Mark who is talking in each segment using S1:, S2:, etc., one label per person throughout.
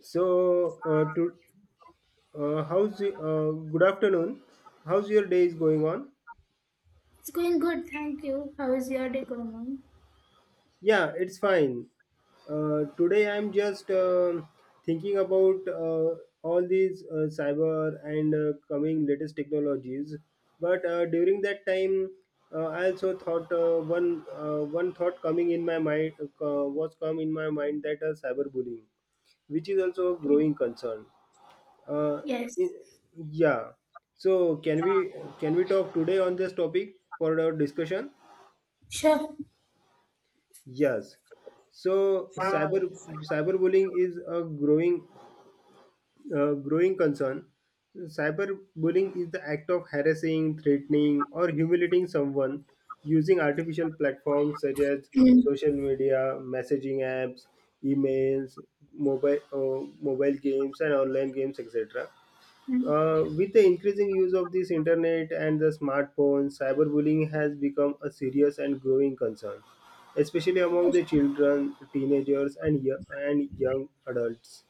S1: So, uh, to Good afternoon? How's your day is going on?
S2: It's going good, thank you. How is your day going on?
S1: Yeah, it's fine. Today I'm just thinking about all these cyber and coming latest technologies. But during that time, I also thought one thought coming in my mind was come in my mind that cyberbullying, which is also a growing concern. Uh,
S2: Yes,
S1: i- yeah. So can we talk today on this topic for our discussion?
S2: sure.
S1: Yes. So cyberbullying is a growing growing concern. Cyberbullying is the act of harassing, threatening, or humiliating someone using artificial platforms such as
S2: Mm.
S1: social media, messaging apps, emails, mobile games, and online games, etc.
S2: Mm.
S1: With the increasing use of this internet and the smartphones, cyberbullying has become a serious and growing concern, especially among the children, teenagers, and young adults.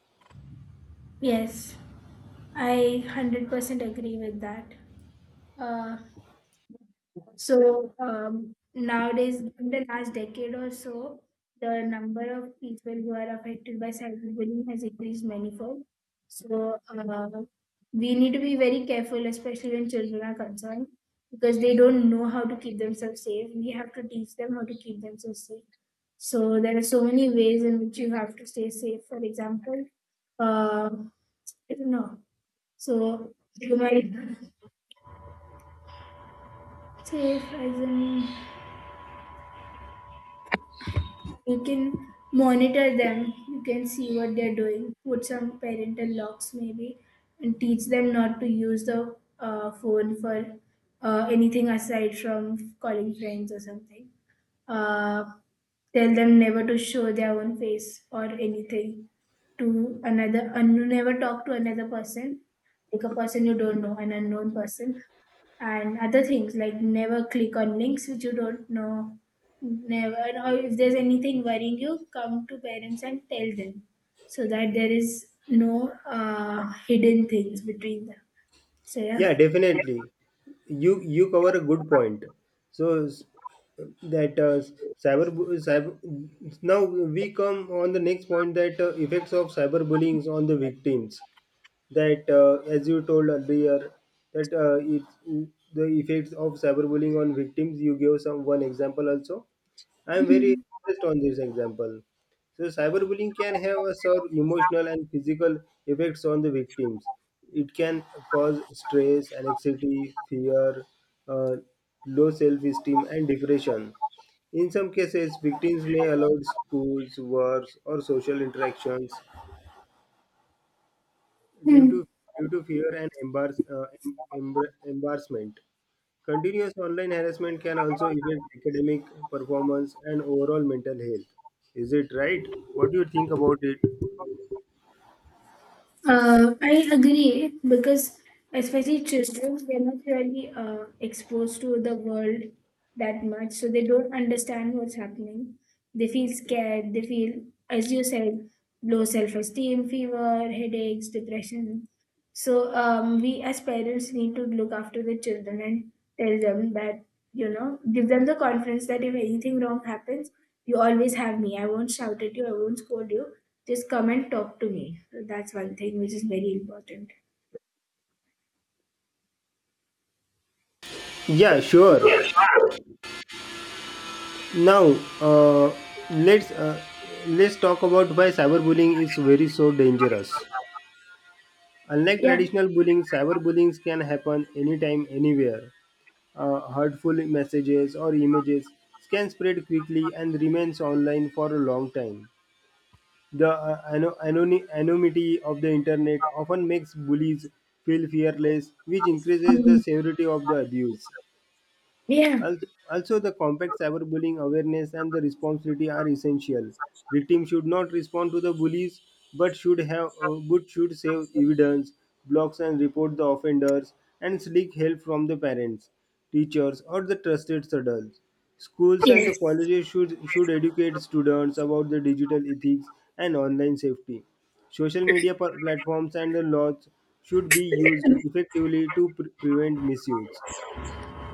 S2: Yes, I 100% agree with that. Uh, Nowadays, in the last decade or so, the number of people who are affected by cyberbullying has increased manifold. So uh, we need to be very careful, especially when children are concerned, because they don't know how to keep themselves safe. We have to teach them how to keep themselves safe. So there are so many ways in which you have to stay safe. For example, uh, I don't know. So you might say, for example. You can monitor them. You can see what they're doing. Put some parental locks maybe, and teach them not to use the phone for anything aside from calling friends or something. Uh, Tell them never to show their own face or anything to another, and never talk to another person, like a person you don't know, an unknown person. And other things, like never click on links which you don't know, never, or if there's anything worrying you, come to parents and tell them, so that there is no hidden things between them. So yeah.
S1: Yeah, definitely. You cover a good point. So s- that cyber, cyber Now we come on the next point, that effects of cyberbullying on the victims, that as you told earlier, that the effects of cyberbullying on victims, you gave some one example also. I am very interested on this example. So cyberbullying can have a sort of emotional and physical effects on the victims. It can cause stress, anxiety, fear, uh, low self-esteem and depression. In some cases, victims may avoid schools, works, or social interactions due
S2: Hmm.
S1: to fear and embarrassment. Continuous online harassment can also affect academic performance and overall mental health. Is it right? What do you think about it?
S2: I agree, because especially children, they're not really exposed to the world that much, so they don't understand what's happening. They feel scared. They feel, as you said, low self-esteem, fever, headaches, depression. We as parents need to look after the children and tell them that, you know, give them the confidence that if anything wrong happens, you always have me. I won't shout at you. I won't scold you. Just come and talk to me. So that's one thing which is very important.
S1: Yeah, sure. Now, uh, let's uh, let's talk about why cyberbullying is very so dangerous. Unlike
S2: Yeah.
S1: traditional bullying, cyberbullying can happen anytime, anywhere. Hurtful messages or images can spread quickly and remains online for a long time. The anonymity of the internet often makes bullies feel fearless, which increases the
S2: Um,
S1: severity of the abuse.
S2: yeah.
S1: Al- Also, the compact cyberbullying awareness and the responsibility are essential. Victims should not respond to the bullies, but should have but should save evidence, blocks and report the offenders, and seek help from the parents, teachers, or the trusted adults. Schools and the
S2: Yes.
S1: colleges should educate students about the digital ethics and online safety. Social media platforms and the laws should be used effectively to prevent misuse.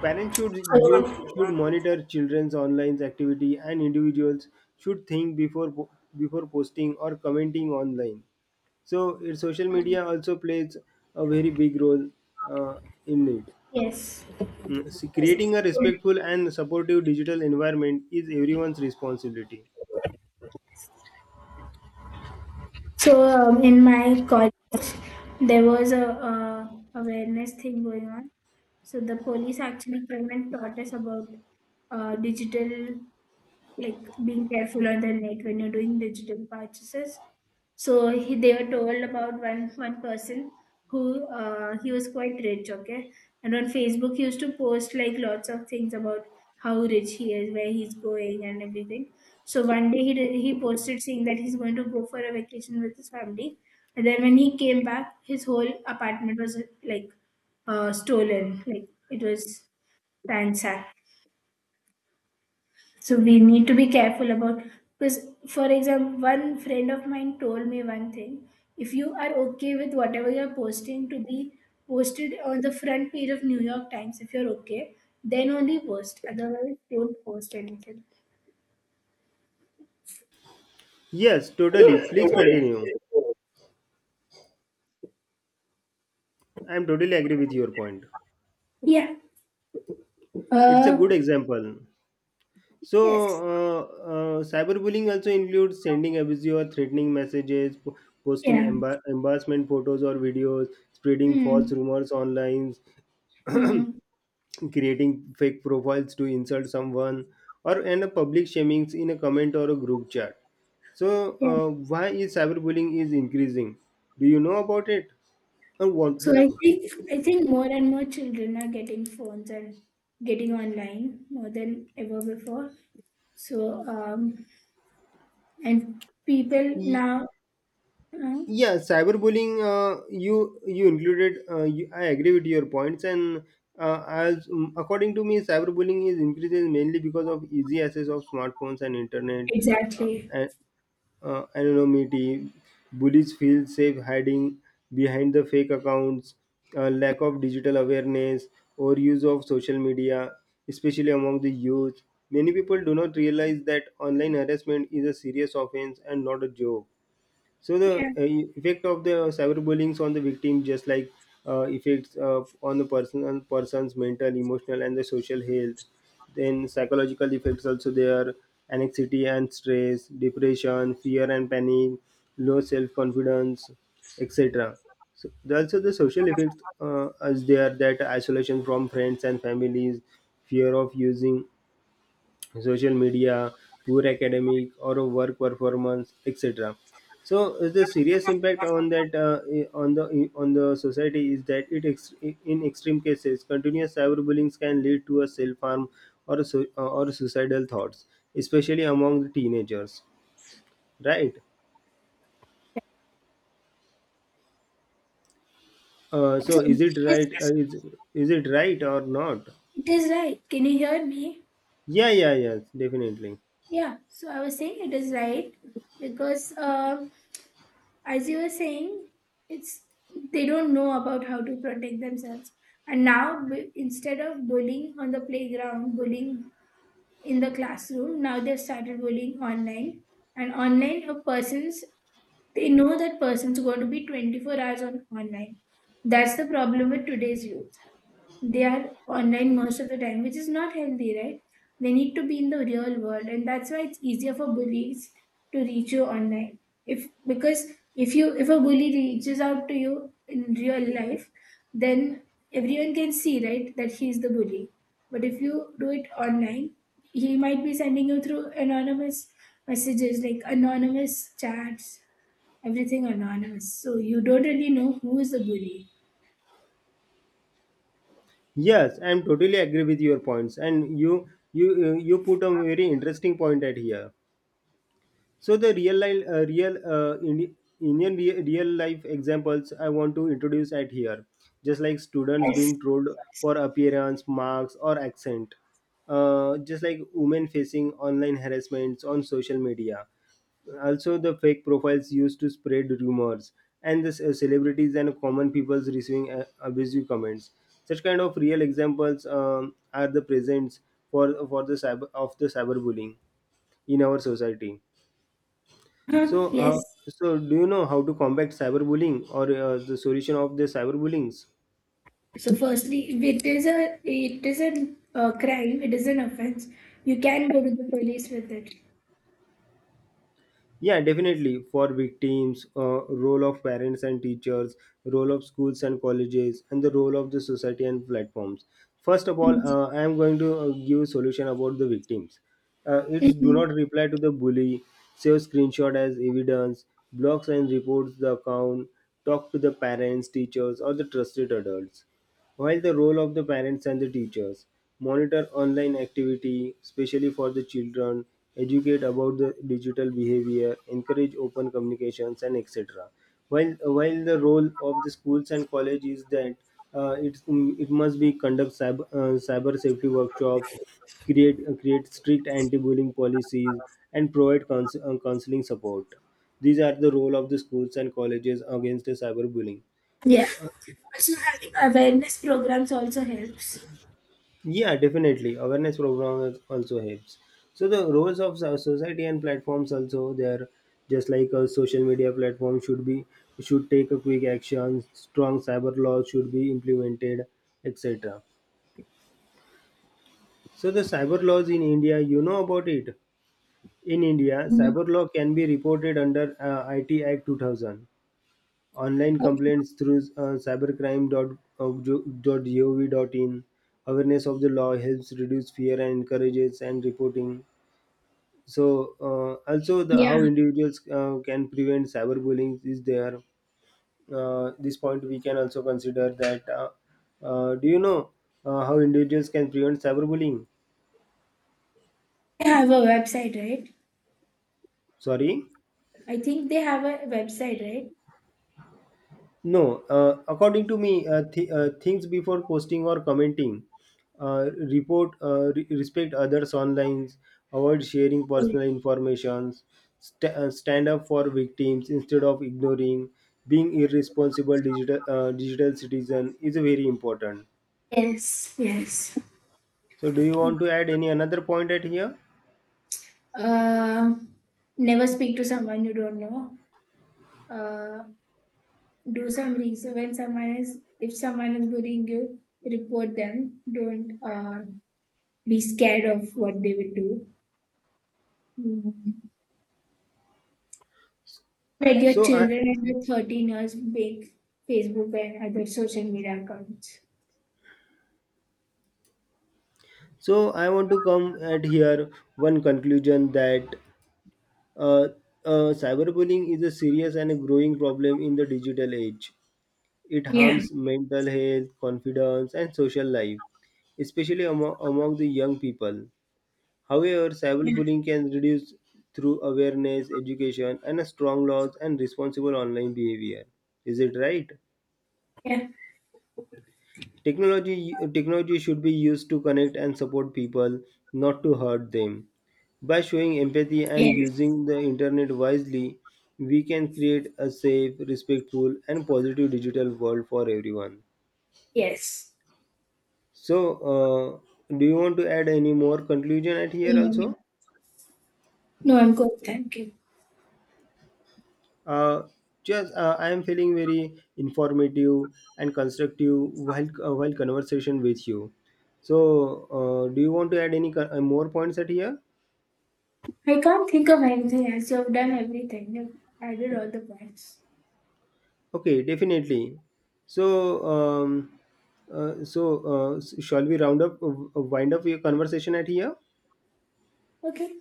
S1: Parents
S2: So,
S1: should monitor children's online activity, and individuals should think before posting or commenting online. So, social media also plays a very big role uh, in it.
S2: yes.
S1: Creating a
S2: Yes.
S1: respectful and supportive digital environment is everyone's responsibility.
S2: In my college, there was a, awareness thing going on. So the police actually came and taught us about digital, like being careful on the net when you're doing digital purchases. So he, they were told about one person who he was quite rich, okay, and on Facebook he used to post like lots of things about how rich he is, where he's going, and everything. So one day he posted saying that he's going to go for a vacation with his family, and then when he came back, his whole apartment was like stolen, like it was ransacked. So we need to be careful about, because, for example, one friend of mine told me one thing. If you are okay with whatever you're posting to be posted on the front page of New York Times, if you're okay, then only post. Otherwise, don't post anything.
S1: Yes, totally. Please continue. I am totally agree with your point.
S2: Yeah.
S1: It's a good
S2: Uh.
S1: example. So,
S2: Yes.
S1: uh, cyberbullying also includes sending abusive or threatening messages, posting
S2: Yeah.
S1: embarrassment photos or videos, spreading false
S2: Hmm.
S1: rumors online,
S2: Hmm.
S1: creating fake profiles to insult someone, or and a public shaming in a comment or a group chat. So,
S2: Yeah.
S1: why is cyberbullying is increasing? Do you know about it? Or what?
S2: I think I think more and more children are getting phones and getting online more than ever before. So um, And people now, uh,
S1: Yeah, cyberbullying, I agree with your points. And according to me, cyberbullying is increases mainly because of easy access of smartphones and internet,
S2: exactly.
S1: and anonymity. Bullies feel safe hiding behind the fake accounts. Lack of digital awareness or use of social media, especially among the youth. Many people do not realize that online harassment is a serious offense and not a joke. So the
S2: Yeah.
S1: effect of the cyberbullying on the victim, just like effects on the person on person's mental, emotional, and the social health. Then psychological effects also there: anxiety and stress, depression, fear and panic, low self-confidence, etc. So there also the social effects, as there that isolation from friends and families, fear of using social media, poor academic or work performance, etc. So the serious impact on that on the society is that in extreme cases continuous cyberbullying can lead to a self harm or or suicidal thoughts, especially among the teenagers. Right. So
S2: So
S1: is it right? Is it right or not?
S2: it is right. Can you hear me?
S1: Yeah, yeah, yes, definitely.
S2: Yeah. So I was saying it is right because, as you were saying, it's they don't know about how to protect themselves. And now, instead of bullying on the playground, bullying in the classroom, now they've started bullying online. And online, a person's they know that person's going to be 24 hours on online. That's the problem with today's youth. They are online most of the time, which is not healthy, right? They need to be in the real world, and that's why it's easier for bullies to reach you online. If Because if a bully reaches out to you in real life, then everyone can see, right, that he's the bully. But if you do it online, he might be sending you through anonymous messages, like anonymous chats, everything anonymous. So you don't really know who is the bully.
S1: Yes, I'm totally agree with your points, and you put a very interesting point at here. So the real life, real Indi- Indian re- real life examples I want to introduce at here, just like students being trolled for appearance, marks, or accent, just like women facing online harassments on social media. Also, the fake profiles used to spread rumors, and the celebrities and common peoples receiving abusive comments. Such kind of real examples are the presents for the cyber of the cyberbullying in our society.
S2: Huh?
S1: So,
S2: Yes.
S1: so do you know how to combat cyberbullying or the solution of the cyberbullying?
S2: So, firstly, if it is a it is an crime, it is an offense. You can go to the police with it.
S1: Yeah, definitely. For victims, role of parents and teachers, role of schools and colleges, and the role of the society and platforms. First of all, I am going to give a solution about the victims. It's Do
S2: Mhm.
S1: not reply to the bully, save screenshot as evidence, blocks and reports the account, talk to the parents, teachers, or the trusted adults. While the role of the parents and the teachers, monitor online activity, especially for the children, educate about the digital behavior, encourage open communications, and etc. While the role of the schools and college is that uh, it it must be conduct cyber safety workshops, create strict anti-bullying policies, and provide counseling support. These are the role of the schools and colleges against the cyberbullying.
S2: Yeah. Also, having awareness programs also helps.
S1: Yeah, definitely. Awareness programs also helps. So the roles of society and platforms also there, just like a social media platform should take a quick action. Strong cyber laws should be implemented, etc. So the cyber laws in India, you know about it. In India,
S2: Mhm.
S1: cyber law can be reported under IT Act 2000. Online
S2: Okay.
S1: complaints through cybercrime.gov.in. Awareness of the law helps reduce fear and encourages and reporting. So also the
S2: Yeah.
S1: how individuals can prevent cyberbullying is there. This point we can also consider that do you know how individuals can prevent cyberbullying?
S2: They have a website, right?
S1: Sorry.
S2: I think they have a website, right?
S1: No, according to me, things before posting or commenting, respect others online, avoid sharing
S2: Okay.
S1: personal informations, stand up for victims instead of ignoring, being irresponsible digital digital citizen is very important.
S2: Yes. Yes.
S1: So, do you want to add any another point at here?
S2: Uh, Never speak to someone you don't know. Uh, do some research. When someone is If someone is bullying you, report them. Don't be scared of what they will do. Mm. Like your
S1: So I
S2: children under 13 years make Facebook and other social media accounts.
S1: so I want to come at here one conclusion that Uh, cyberbullying is a serious and a growing problem in the digital age. It
S2: Yeah,
S1: harms mental health, confidence, and social life, especially among the young people. However,
S2: yeah,
S1: cyberbullying can reduce through awareness, education, and a strong laws and responsible online behavior. Is it right?
S2: yeah,
S1: Technology should be used to connect and support people, not to hurt them. By showing empathy and
S2: yes.
S1: using the internet wisely, we can create a safe, respectful, and positive digital world for everyone.
S2: Yes.
S1: So, do you want to add any more conclusion at here
S2: Mm.
S1: also?
S2: No, I'm good. Thank you.
S1: Uh, just, I am feeling very informative and constructive while conversation with you. So, do you want to add any more points at here?
S2: I can't think of anything else. You've done everything. You've added all the points.
S1: Okay, definitely. So, um, Shall we round up, wind up your conversation at here?
S2: Okay.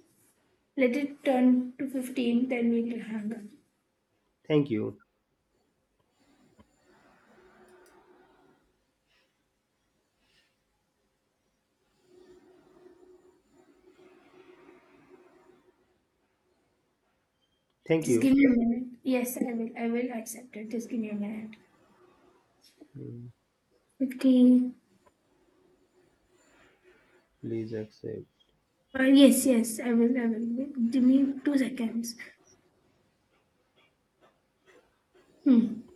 S2: Let it turn to 15, then we'll hang up.
S1: Thank you. Thank
S2: Just give
S1: you.
S2: me a minute. Yes, I will. I will accept it. Just give me a minute.
S1: Mm,
S2: 15.
S1: Please accept.
S2: Yes, yes, I will. Give me 2 seconds. Hmm.